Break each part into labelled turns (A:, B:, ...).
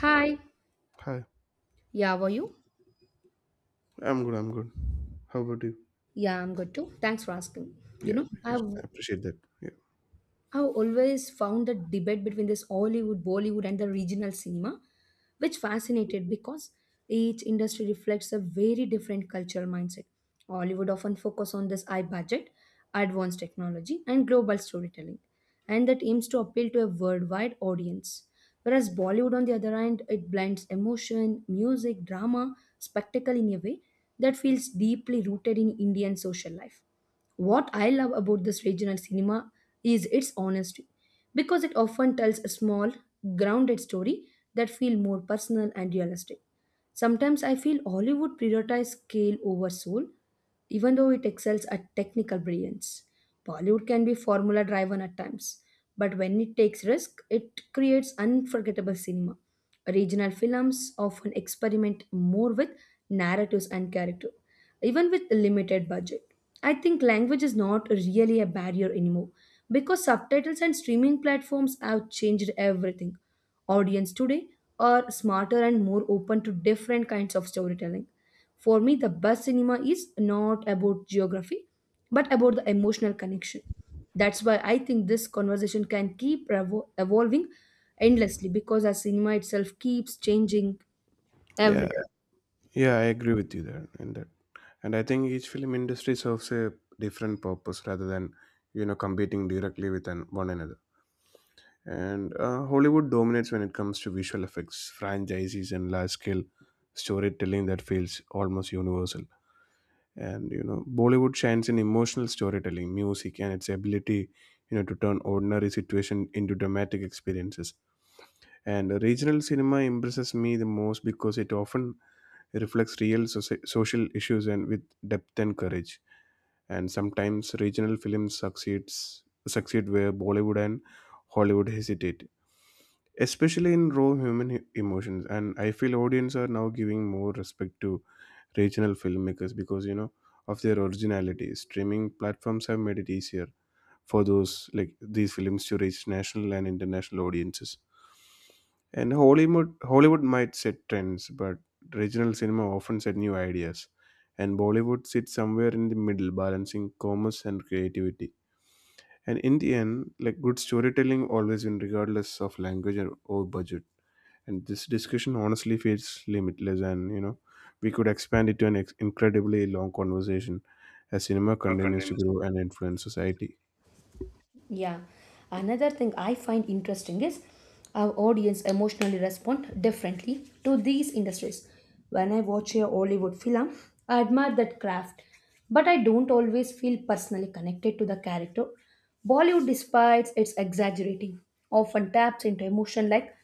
A: Hi.
B: Hi,
A: Yeah, how are you?
B: I'm good. I'm good. How about you?
A: Yeah, I'm good too. Thanks for asking. You
B: Yeah,
A: know,
B: because
A: I've
B: I appreciate that. Yeah,
A: I've always found the debate between this Hollywood, Bollywood, and the regional cinema, which fascinated because each industry reflects a very different cultural mindset. Hollywood often focus on this high budget, advanced technology, and global storytelling, and that aims to appeal to a worldwide audience. Whereas Bollywood, on the other hand, it blends emotion, music, drama, spectacle in a way that feels deeply rooted in Indian social life. What I love about this regional cinema is its honesty because it often tells a small, grounded story that feel more personal and realistic. Sometimes I feel Hollywood prioritizes scale over soul, even though it excels at technical brilliance. Bollywood can be formula driven at times, but when it takes risk, it creates unforgettable cinema. Regional films often experiment more with narratives and character even with a limited budget. I think language is not really a barrier anymore because subtitles and streaming platforms have changed everything. Audience today are smarter and more open to different kinds of storytelling. For me, the best cinema is not about geography but about the emotional connection. That's why I think this conversation can keep evolving endlessly because our cinema itself keeps changing every
B: yeah,
A: year.
B: yeah. I agree with you there in that, and I think each film industry serves a different purpose rather than competing directly with one another. And Hollywood dominates when it comes to visual effects, franchises, and large-scale storytelling that feels almost universal. And Bollywood shines in emotional storytelling, music, and its ability, to turn ordinary situation into dramatic experiences. And regional cinema impresses me the most because it often reflects real social issues and with depth and courage. And sometimes regional films succeed where Bollywood and Hollywood hesitate, especially in raw human emotions. And I feel audience are now giving more respect to regional filmmakers because of their originality. Streaming platforms have made it easier for those like these films to reach national and international audiences. And Hollywood might set trends, but regional cinema often set new ideas. And Bollywood sits somewhere in the middle, balancing commerce and creativity. And in the end, like good storytelling always wins, regardless of language or budget. And this discussion honestly feels limitless, and we could expand it to an incredibly long conversation as cinema
A: Or
B: continues to
A: continuous.
B: grow and influence society.
A: Yeah. Another thing I find interesting is our audience emotionally respond differently to these industries. When I watch a Hollywood film, I admire that craft, but I don't always feel personally connected to the character. Bollywood, despite its exaggerating, often taps into emotion like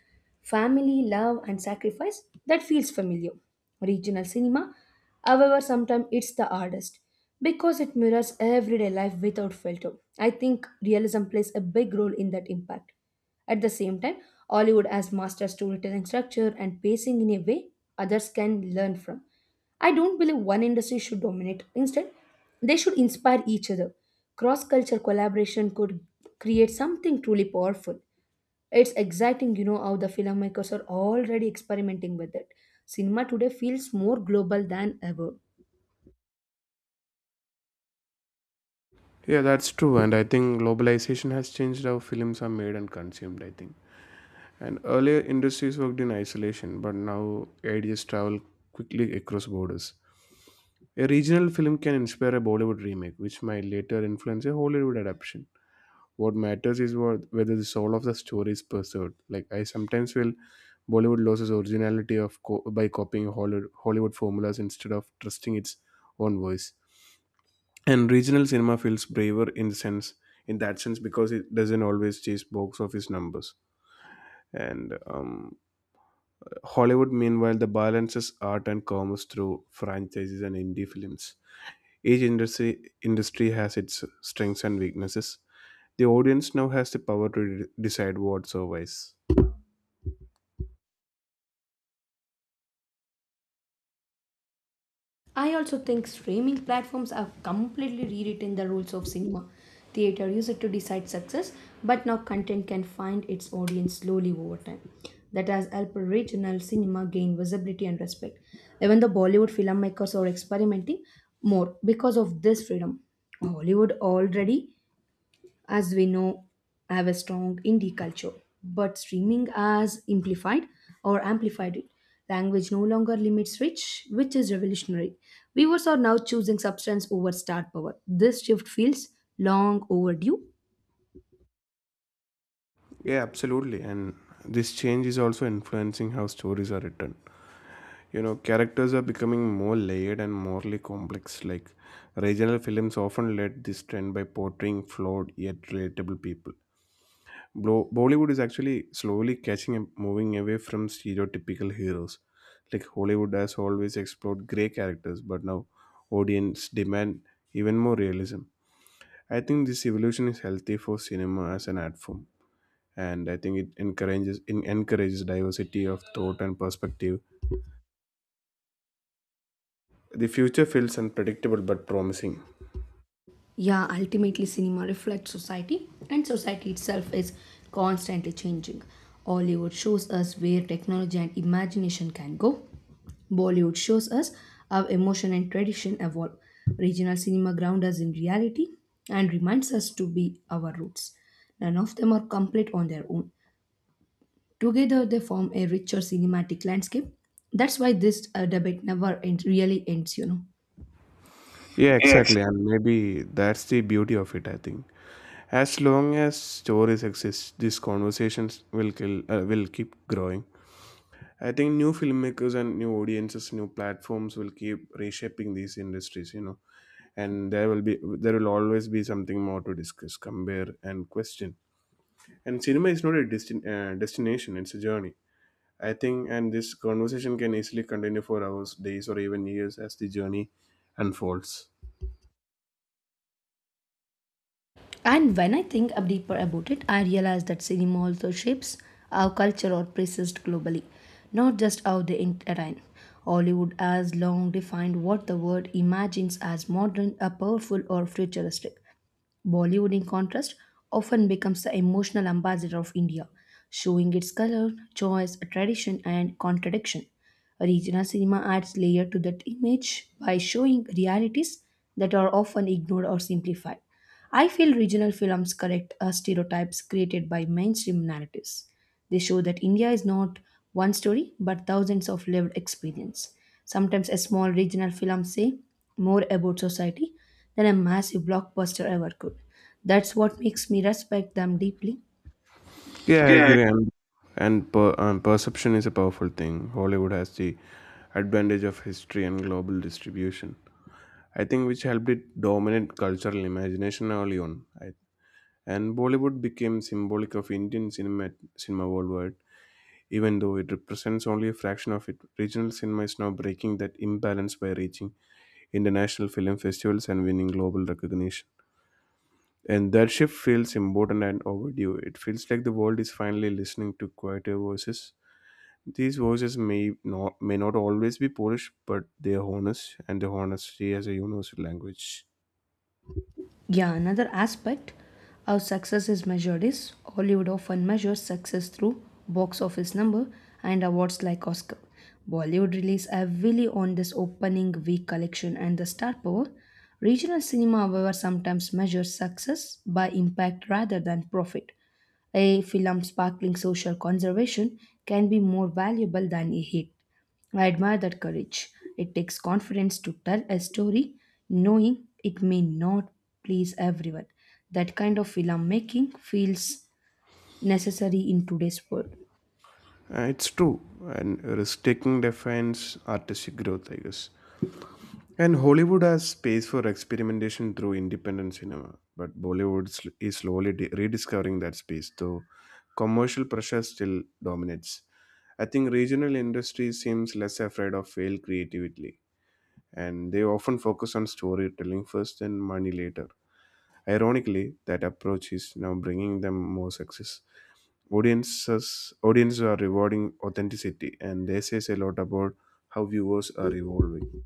A: family, love, and sacrifice that feels familiar. Regional cinema, however, sometimes it's the hardest because it mirrors everyday life without filter. I think realism plays a big role in that impact. At the same time, Hollywood has mastered storytelling structure and pacing in a way others can learn from. I don't believe one industry should dominate. Instead, they should inspire each other. Cross cultural collaboration could create something truly powerful. It's exciting, how the filmmakers are already experimenting with it. Cinema today feels more global than ever.
B: Yeah, that's true. And I think globalization has changed how films are made and consumed, I think. And earlier, industries worked in isolation, but now ideas travel quickly across borders. A regional film can inspire a Bollywood remake, which might later influence a Hollywood adaptation. What matters is whether the soul of the story is preserved. Like I sometimes feel Bollywood loses originality by copying Hollywood formulas instead of trusting its own voice. And regional cinema feels braver in that sense because it doesn't always chase box office numbers and Hollywood, meanwhile, the balances art and commerce through franchises and indie films. Each industry has its strengths and weaknesses. The audience now has the power to decide what survives.
A: I also think streaming platforms have completely rewritten the rules of cinema. Theater used it to decide success, but now content can find its audience slowly over time. That has helped regional cinema gain visibility and respect. Even the Bollywood filmmakers are experimenting more because of this freedom. Hollywood already, as we know, have a strong indie culture, but streaming has amplified or amplified it. Language no longer limits reach, which is revolutionary. Viewers are now choosing substance over star power. This shift feels long overdue.
B: Yeah, absolutely. And this change is also influencing how stories are written. You know, characters are becoming more layered and morally complex. Like regional films often led this trend by portraying flawed yet relatable people. Bollywood is actually slowly catching and moving away from stereotypical heroes. Like Hollywood has always explored grey characters, but now audience demand even more realism. I think this evolution is healthy for cinema as an art form, and I think it encourages diversity of thought and perspective. The future feels unpredictable but promising.
A: Yeah, ultimately, cinema reflects society, and society itself is constantly changing. Hollywood shows us where technology and imagination can go. Bollywood shows us how emotion and tradition evolve. Regional cinema grounds us in reality and reminds us to be our roots. None of them are complete on their own. Together, they form a richer cinematic landscape. That's why this debate never end, really ends.
B: Yeah,
A: Yeah.
B: exactly, and maybe that's the beauty of it. I think as long as stories exist, these conversations will kill will keep growing. I think new filmmakers and new audiences, new platforms will keep reshaping these industries, you know, and there will always be something more to discuss, compare, and question. And cinema is not a destination; it's a journey. I think, and this conversation can easily continue for hours, days, or even years as the journey unfolds.
A: And when I think up deeper about it, I realize that cinema also shapes our culture or places globally, not just how they entertain. Hollywood has long defined what the world imagines as modern, a powerful, or futuristic. Bollywood, in contrast, often becomes the emotional ambassador of India, showing its color, choice, tradition, and contradiction. Regional cinema adds layer to that image by showing realities that are often ignored or simplified. I feel regional films correct stereotypes created by mainstream narratives. They show that India is not one story but thousands of lived experience. Sometimes a small regional film say more about society than a massive blockbuster ever could. That's what makes me respect them deeply.
B: Yeah, I
A: Yeah.
B: agree. And perception is a powerful thing. Hollywood has the advantage of history and global distribution. I think which helped it dominate cultural imagination early on. And Bollywood became symbolic of Indian cinema worldwide, even though it represents only a fraction of it. Regional cinema is now breaking that imbalance by reaching international film festivals and winning global recognition. And that shift feels important and overdue. It feels like the world is finally listening to quieter voices. These voices may not always be polished, but they are honest, and the honesty as a universal language.
A: Yeah, another aspect, how success is measured, is Hollywood often measures success through box office number and awards like Oscar. Bollywood relies heavily on this opening week collection and the star power. Regional cinema, however, sometimes measures success by impact rather than profit. A film sparkling social conservation can be more valuable than a hit. I admire that courage. It takes confidence to tell a story knowing it may not please everyone. That kind of filmmaking feels necessary in today's world.
B: It's true, and risk-taking defines artistic growth, I guess. And Hollywood has space for experimentation through independent cinema, but Bollywood is slowly rediscovering that space, though commercial pressure still dominates. I think regional industry seems less afraid of failed creativity, and they often focus on storytelling first and money later. Ironically, that approach is now bringing them more success. Audiences are rewarding authenticity, and they says a lot about how viewers are evolving.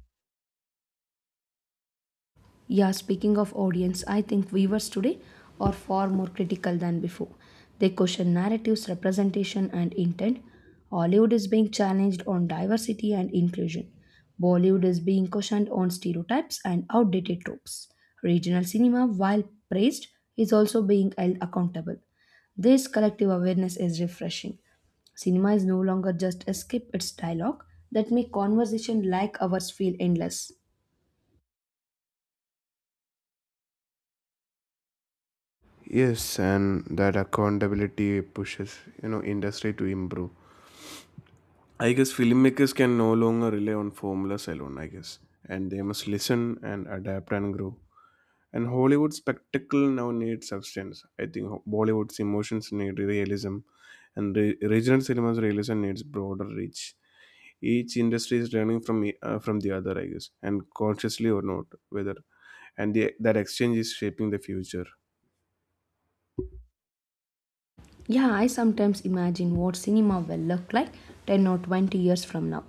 A: Yeah, speaking of audience, I think viewers today are far more critical than before. They question narratives, representation, and intent. Hollywood is being challenged on diversity and inclusion. Bollywood is being questioned on stereotypes and outdated tropes. Regional cinema, while praised, is also being held accountable. This collective awareness is refreshing. Cinema is no longer just escape. Its dialogue that make conversation like ours feel endless.
B: Yes, and that accountability pushes industry to improve. I guess filmmakers can no longer rely on formulas alone. I guess, and they must listen and adapt and grow. And Hollywood spectacle now needs substance. I think Bollywood's emotions need realism, and regional cinema's realism needs broader reach. Each industry is learning from the other I guess, and consciously or not, that exchange is shaping the future.
A: Yeah, I sometimes imagine what cinema will look like 10 or 20 years from now.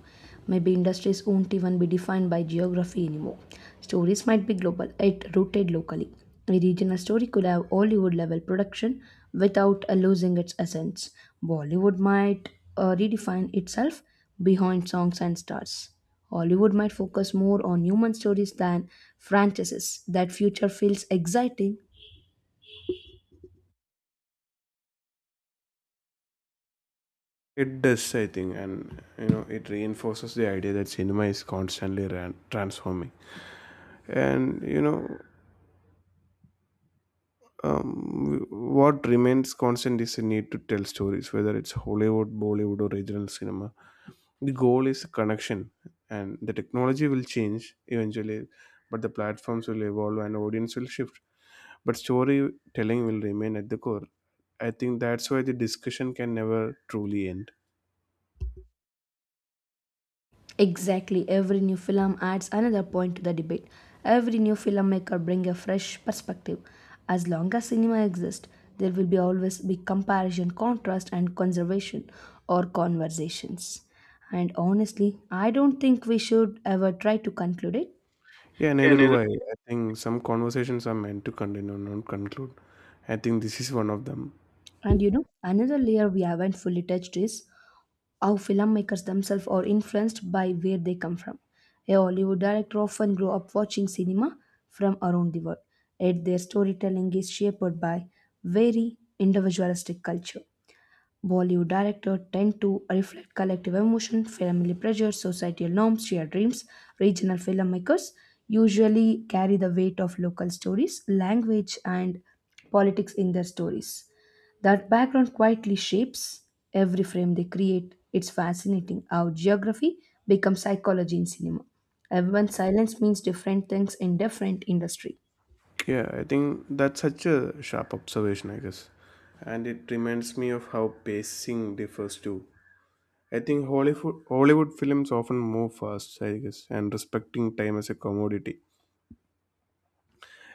A: Maybe industries won't even be defined by geography anymore. Stories might be global, yet rooted locally. A regional story could have Hollywood level production without losing its essence. Bollywood might redefine itself behind songs and stars. Hollywood might focus more on human stories than franchises. That future feels exciting.
B: It does, I think, and you know it reinforces the idea that cinema is constantly transforming, and what remains constant is the need to tell stories, whether it's Hollywood, Bollywood, or regional cinema. The goal is connection, and the technology will change eventually, but the platforms will evolve and audience will shift, but storytelling will remain at the core. I think that's why the discussion can never truly end.
A: Exactly, every new film adds another point to the debate. Every new filmmaker brings a fresh perspective. As long as cinema exists, there will be always be comparison, contrast, and conservation or conversations. And honestly, I don't think we should ever try to conclude it.
B: Yeah,
A: Yeah,
B: neither do
A: neither.
B: I. I think some conversations are meant to continue, not conclude. I think this is one of them.
A: And another layer we haven't fully touched is how filmmakers themselves are influenced by where they come from. A Hollywood director often grew up watching cinema from around the world, yet their storytelling is shaped by very individualistic culture. Bollywood directors tend to reflect collective emotion, family pressures, societal norms, shared dreams. Regional filmmakers usually carry the weight of local stories, language, and politics in their stories. That background quietly shapes every frame they create. It's fascinating how geography becomes psychology in cinema. Everyone's silence means different things in different industry.
B: Yeah, I think that's such a sharp observation, I guess. And it reminds me of how pacing differs too. I think Hollywood films often move fast, I guess, and respecting time as a commodity.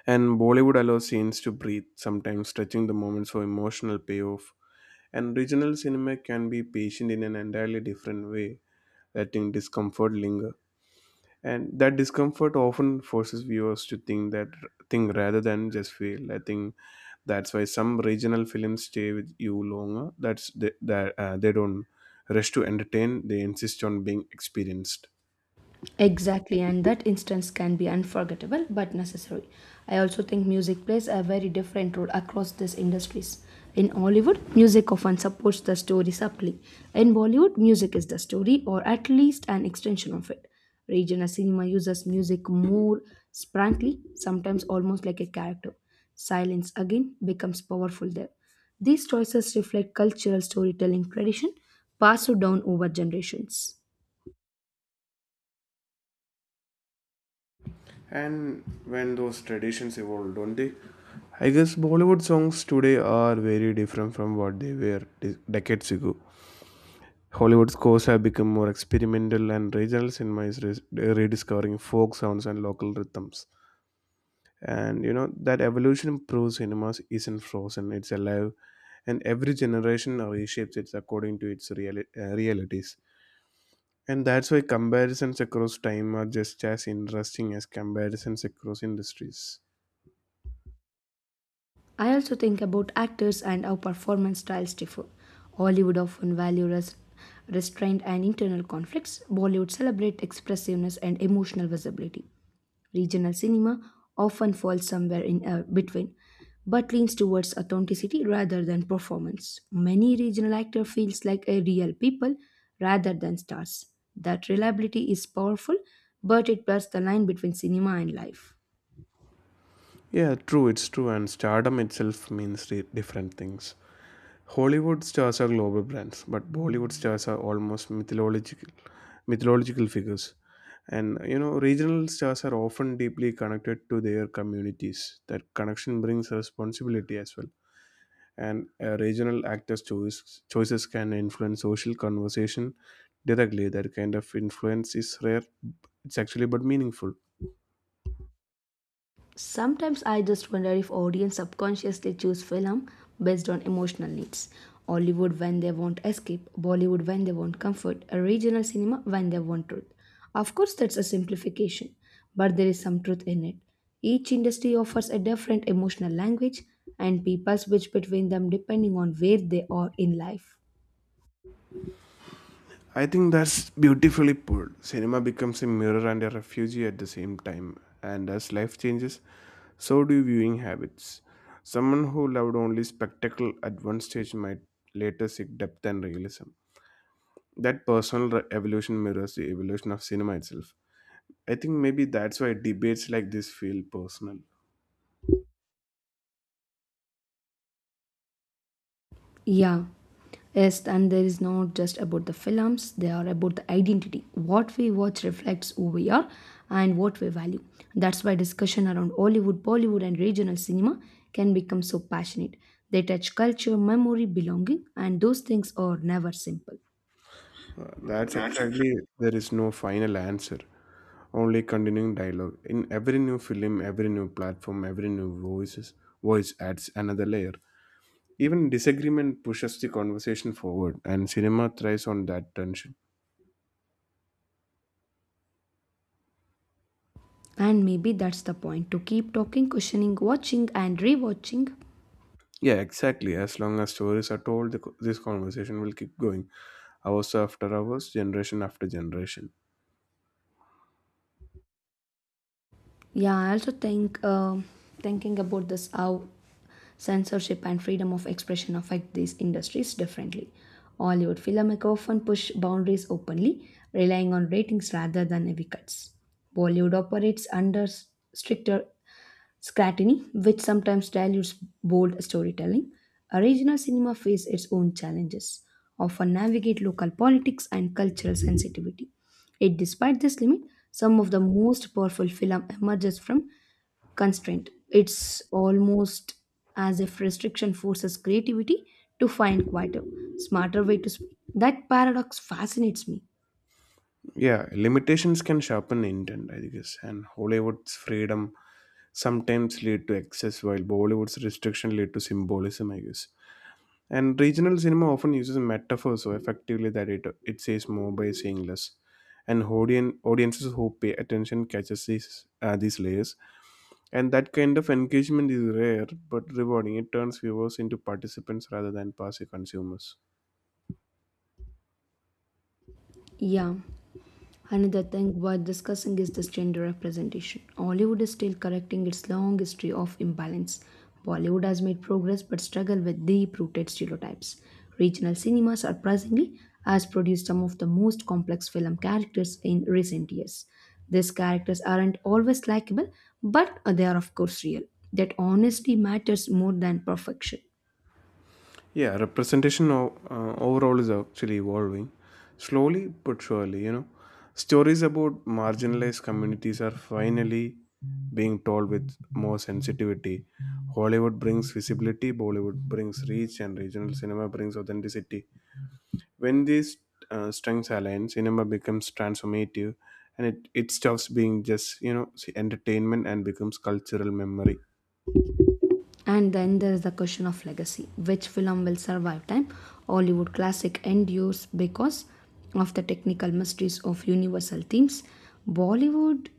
B: And Bollywood allows scenes to breathe, sometimes stretching the moments for emotional payoff. And regional cinema can be patient in an entirely different way, letting discomfort linger. And that discomfort often forces viewers to think rather than just feel. I think that's why some regional films stay with you longer. That's they, that They don't rush to entertain; they insist on being experienced.
A: Exactly, and that instance can be unforgettable but necessary. I also think music plays a very different role across these industries. In Hollywood, music often supports the story subtly. In Bollywood, music is the story or at least an extension of it. Regional cinema uses music more sprightly, sometimes almost like a character. Silence again becomes powerful there. These choices reflect cultural storytelling tradition passed down over generations.
B: And when those traditions evolved, don't they? I guess Bollywood songs today are very different from what they were decades ago. Hollywood scores have become more experimental, and regional cinema is rediscovering folk sounds and local rhythms. And you know, that evolution proves cinemas isn't frozen, it's alive, and every generation reshapes it according to its realities. And that's why comparisons across time are just as interesting as comparisons across industries.
A: I also think about actors and how performance styles differ. Hollywood often values restraint and internal conflicts. Bollywood celebrates expressiveness and emotional visibility. Regional cinema often falls somewhere in between, but leans towards authenticity rather than performance. Many regional actor feels like a real people rather than stars. That reliability is powerful, but it blurs the line between cinema and life.
B: Yeah, it's true. And stardom itself means different things. Hollywood stars are global brands, but Bollywood stars are almost mythological figures. And you know, regional stars are often deeply connected to their communities. That connection brings responsibility as well. And a regional actor's choices can influence social conversation directly. That kind of influence is rare. It's actually but meaningful.
A: Sometimes I just wonder if audience subconsciously choose film based on emotional needs. Hollywood when they want escape, Bollywood when they want comfort, a regional cinema when they want truth. Of course, that's a simplification, but there is some truth in it. Each industry offers a different emotional language, and people switch between them depending on where they are in life.
B: I think that's beautifully put. Cinema becomes a mirror and a refuge at the same time. And as life changes, so do viewing habits. Someone who loved only spectacle at one stage might later seek depth and realism. That personal evolution mirrors the evolution of cinema itself. I think maybe that's why debates like this feel personal.
A: Yeah, yes, and there is not just about the films, they are about the identity. What we watch reflects who we are and what we value. That's why discussion around Hollywood, Bollywood, and regional cinema can become so passionate. They touch culture, memory, belonging, and those things are never simple.
B: That's
A: That's exactly.
B: exactly there is no final answer, only continuing dialogue. In every new film, every new platform, every voice adds another layer. Even disagreement pushes the conversation forward, and cinema thrives on that tension.
A: And maybe that's the point to keep talking, questioning, watching, and rewatching.
B: Yeah, exactly. As long as stories are told, this conversation will keep going, hours after hours, generation after generation.
A: Yeah, I also think thinking about this how censorship and freedom of expression affect these industries differently. Hollywood filmmakers often push boundaries openly, relying on ratings rather than heavy cuts. Bollywood operates under stricter scrutiny, which sometimes dilutes bold storytelling. A regional cinema faces its own challenges, often navigate local politics and cultural sensitivity. Yet, despite this limit, some of the most powerful film emerges from constraint. It's almost as if restriction forces creativity to find quieter, smarter way to speak. That paradox fascinates me.
B: Yeah, limitations can sharpen intent, I guess, and Hollywood's freedom sometimes lead to excess, while Bollywood's restriction lead to symbolism, I guess. And regional cinema often uses metaphor so effectively that it says more by saying less. And audiences who pay attention catches these layers. And that kind of engagement is rare but rewarding. It turns viewers into participants rather than passive consumers.
A: Yeah. Another thing worth discussing is this gender representation. Hollywood is still correcting its long history of imbalance. Bollywood has made progress but struggle with deep-rooted stereotypes. Regional cinema, surprisingly, has produced some of the most complex film characters in recent years. These characters aren't always likable, but they are of course real. That honesty matters more than perfection.
B: Yeah, representation overall is actually evolving slowly but surely. You know, stories about marginalized communities are finally being told with more sensitivity. Hollywood brings visibility, Bollywood brings reach, and regional cinema brings authenticity. When these strengths align, cinema becomes transformative, and it stops being just entertainment and becomes cultural memory.
A: And then there is the question of legacy. Which film will survive time? Hollywood classic endures because of the technical mysteries of universal themes. Bollywood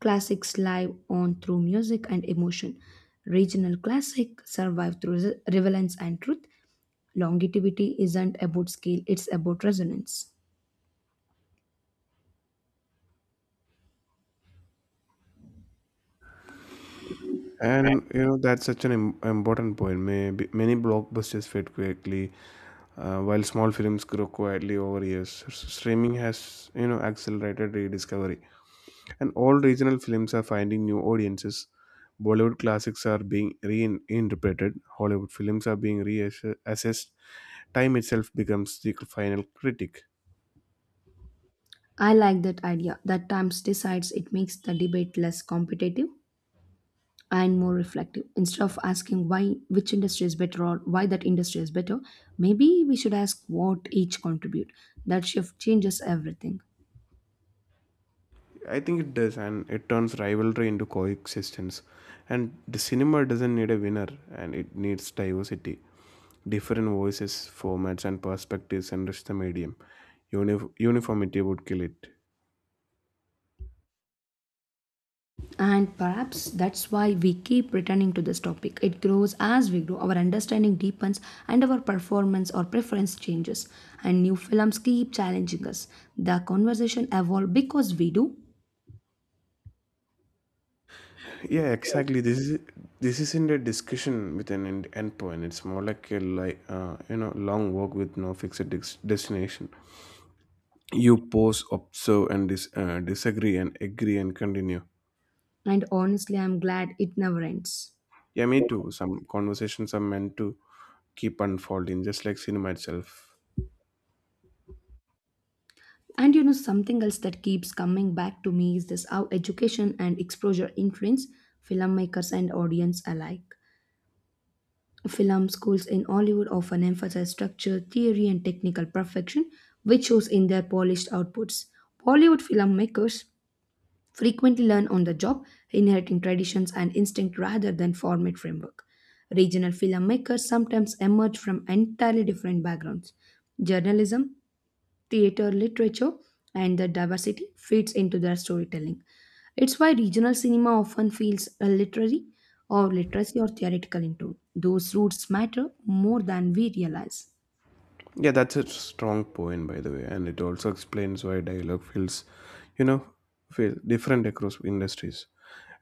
A: classics live on through music and emotion. Regional classic survive through relevance and truth. Longevity isn't about scale, it's about resonance.
B: And you know that's such an important point. Maybe many blockbusters fade quickly, while small films grow quietly over years. Streaming has accelerated rediscovery, and all regional films are finding new audiences. Bollywood classics are being reinterpreted. Hollywood films are being reassessed. Time itself becomes the final critic.
A: I like that idea that times decides. It makes the debate less competitive and more reflective. Instead of asking why which industry is better or why that industry is better, maybe we should ask what each contribute. That shift changes everything.
B: I think it does, and it turns rivalry into coexistence. And the cinema doesn't need a winner, and it needs diversity. Different voices, formats, and perspectives enrich the medium. Uniformity would kill it.
A: And perhaps that's why we keep returning to this topic. It grows as we grow, our understanding deepens, and our performance or preference changes, and new films keep challenging us. The conversation evolves because we do.
B: Yeah, exactly. This isn't a discussion with an end point. It's more like a you know long walk with no fixed destination. You pause, observe, and disagree, and agree, and continue.
A: And honestly, I'm glad it never ends.
B: Yeah, me too. Some conversations are meant to keep unfolding, just like cinema itself.
A: And you know, something else that keeps coming back to me is this, how education and exposure influence filmmakers and audience alike. Film schools in Hollywood often emphasize structure, theory, and technical perfection, which shows in their polished outputs. Bollywood filmmakers frequently learn on the job, inheriting traditions and instinct rather than format framework. Regional filmmakers sometimes emerge from entirely different backgrounds. Journalism, theater, literature, and the diversity fits into their storytelling. It's why regional cinema often feels a literary or literacy or theoretical in tone. Those roots matter more than we realize.
B: Yeah, that's a strong point, by the way, and it also explains why dialogue feels, you know, feel different across industries.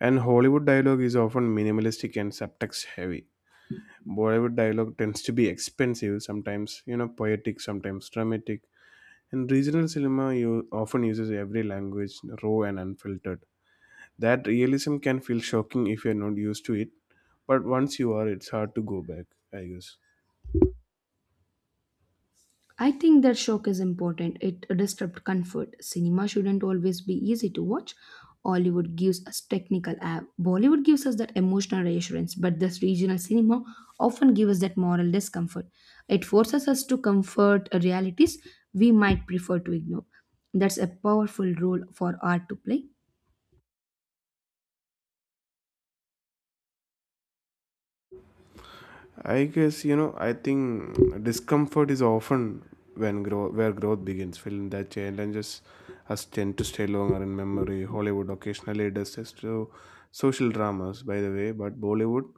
B: And Hollywood dialogue is often minimalistic and subtext heavy. Bollywood dialogue tends to be expensive, sometimes, you know, poetic, sometimes dramatic. And regional cinema you often uses every language raw and unfiltered. That realism can feel shocking if you're not used to it, but once you are, it's hard to go back, I guess.
A: I think that shock is important. It disrupts comfort. Cinema shouldn't always be easy to watch. Hollywood gives us technical app. Bollywood gives us that emotional reassurance, but this regional cinema often gives us that moral discomfort. It forces us to comfort realities we might prefer to ignore. That's a powerful role for art to play.
B: I guess you know. I think discomfort is often when grow where growth begins. Feeling that challenges us tend to stay longer in memory. Hollywood occasionally does this to social dramas, by the way, but Bollywood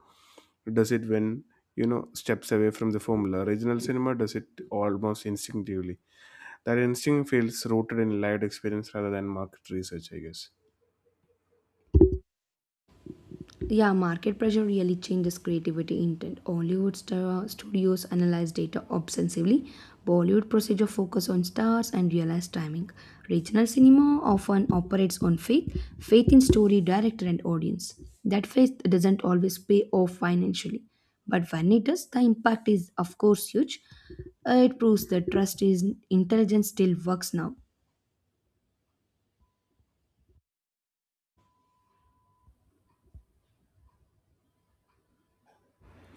B: does it when you know steps away from the formula. Regional cinema does it almost instinctively. That instinct feels rooted in lived experience rather than market research, I guess.
A: Yeah, market pressure really changes creativity intent. Hollywood star studios analyze data obsessively. Bollywood procedure focus on stars and realized timing. Regional cinema often operates on faith, faith in story, director, and audience. That faith doesn't always pay off financially, but when it does, the impact is of course huge. It proves that trust is intelligence still works now.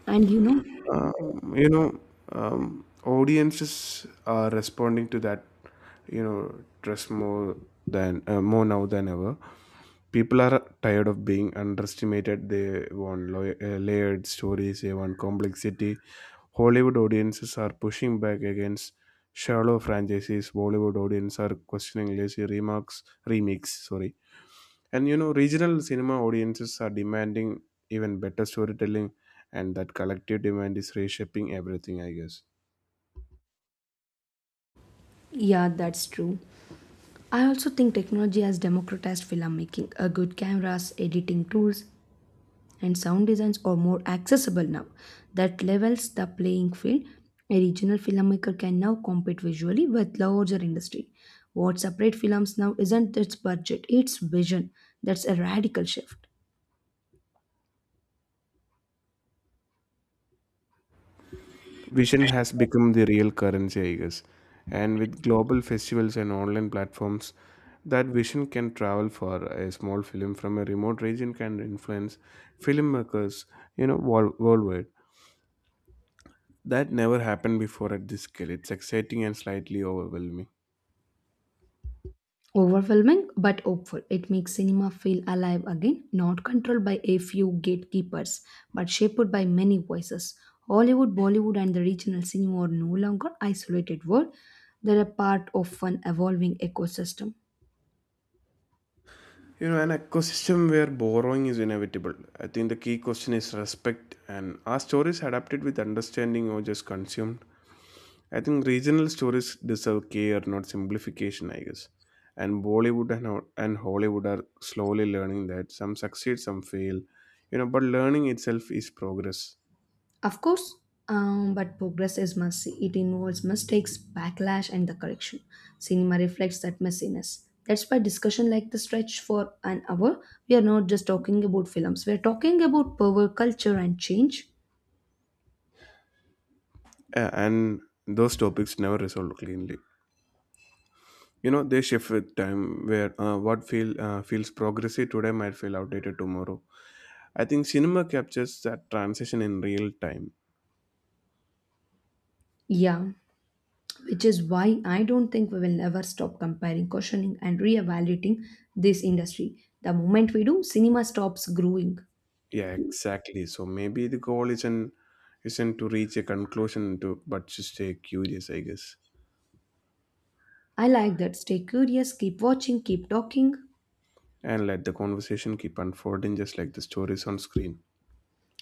A: And you know,
B: You know audiences are responding to that you know trust more than more now than ever, people are tired of being underestimated. They want layered stories, they want complexity. Hollywood audiences are pushing back against shallow franchises. Bollywood audiences are questioning lazy remarks, remakes sorry. And you know, regional cinema audiences are demanding even better storytelling, and that collective demand is reshaping everything, I guess.
A: yeah, that's true. I also think technology has democratized filmmaking. A good cameras, editing tools, and sound designs are more accessible now. That levels the playing field. A regional filmmaker can now compete visually with larger industry. What separates films now isn't its budget, it's vision. That's a radical shift.
B: Vision has become the real currency, I guess. And with global festivals and online platforms, that vision can travel for a small film from a remote region can influence filmmakers, you know, worldwide. That never happened before at this scale. It's exciting and slightly overwhelming.
A: Overwhelming but hopeful, it makes cinema feel alive again, not controlled by a few gatekeepers, but shaped by many voices. Hollywood, Bollywood, and the regional cinema are no longer isolated world; they're a part of an evolving ecosystem.
B: You know, an ecosystem where borrowing is inevitable. I think the key question is respect, and are stories adapted with understanding or just consumed? I think regional stories deserve care, not simplification, I guess. And Bollywood and Hollywood are slowly learning that some succeed, some fail, you know, but learning itself is progress.
A: Of course, but progress is messy. It involves mistakes, backlash, and the correction. Cinema reflects that messiness. That's why discussion like the stretch for an hour. We are not just talking about films; we are talking about power, culture, and change.
B: And those topics never resolve cleanly. You know, they shift with time where what feels progressive today might feel outdated tomorrow. I think cinema captures that transition in real time.
A: Yeah, which is why I don't think we will never stop comparing, questioning, and reevaluating this industry. The moment we do, cinema stops growing.
B: Yeah, exactly. So maybe the goal isn't to reach a conclusion to but to stay curious, I guess.
A: I like that. Stay curious, keep watching, keep talking.
B: And let the conversation keep unfolding just like the stories on screen.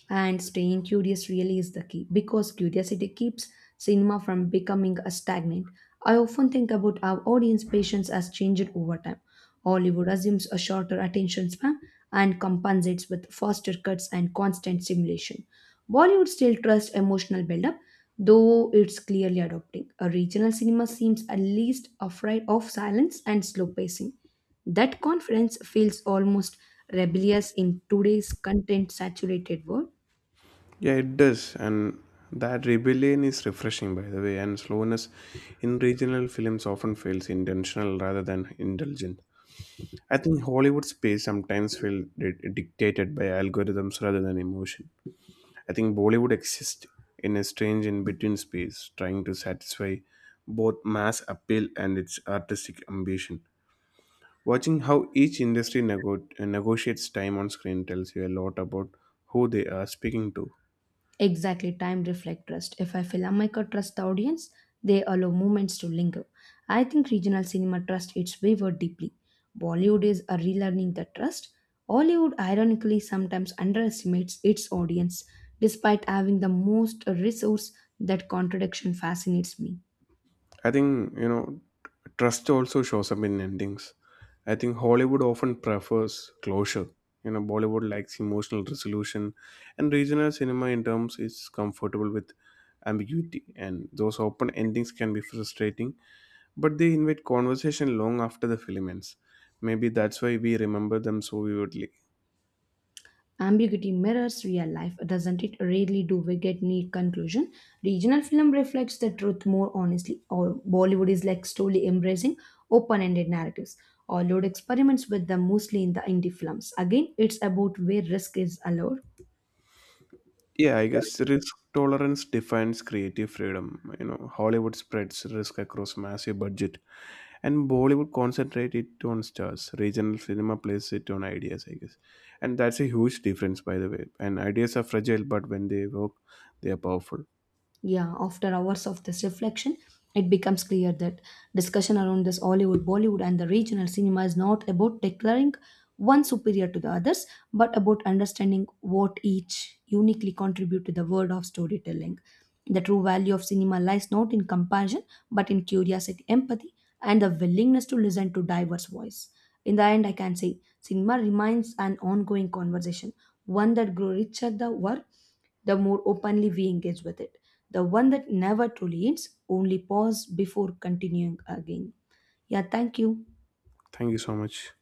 A: And staying curious really is the key, because curiosity keeps cinema from becoming a stagnant. I often think about how audience patience has changed over time. Hollywood assumes a shorter attention span and compensates with faster cuts and constant stimulation. Bollywood still trusts emotional buildup, though it's clearly adopting. A regional cinema seems at least afraid of silence and slow pacing. That confidence feels almost rebellious in today's content saturated world.
B: Yeah, it does. And that rebellion is refreshing, by the way, and slowness in regional films often feels intentional rather than indulgent. I think Hollywood space sometimes feels dictated by algorithms rather than emotion. I think Bollywood exists in a strange in between space, trying to satisfy both mass appeal and its artistic ambition. Watching how each industry negotiates time on screen tells you a lot about who they are speaking to.
A: Exactly, time reflect trust. If a filmmaker trusts the audience, they allow moments to linger. I think regional cinema trusts its viewer deeply. Bollywood is a relearning the trust. Hollywood ironically sometimes underestimates its audience despite having the most resource. That contradiction fascinates me.
B: I think, you know, trust also shows up in endings. I think Hollywood often prefers closure. You know, Bollywood likes emotional resolution, and regional cinema in terms is comfortable with ambiguity. And those open endings can be frustrating, but they invite conversation long after the film ends. Maybe that's why we remember them so vividly.
A: Ambiguity mirrors real life, doesn't it? Rarely do we get neat conclusion. Regional film reflects the truth more honestly, or Bollywood is like slowly embracing open-ended narratives. Hollywood experiments with them mostly in the indie films. Again, it's about where risk is allowed.
B: Yeah, I guess risk tolerance defines creative freedom. You know, Hollywood spreads risk across massive budget, and Bollywood concentrates it on stars. Regional cinema plays it on ideas, I guess, and that's a huge difference, by the way. And ideas are fragile, but when they work, they are powerful.
A: Yeah, after hours of this reflection, it becomes clear that discussion around this Hollywood, Bollywood, and the regional cinema is not about declaring one superior to the others, but about understanding what each uniquely contribute to the world of storytelling. The true value of cinema lies not in comparison, but in curiosity, empathy, and the willingness to listen to diverse voice. In the end, I can say cinema remains an ongoing conversation, one that grows richer the work, the more openly we engage with it, the one that never truly ends, only pause before continuing again. Yeah, thank you.
B: Thank you so much.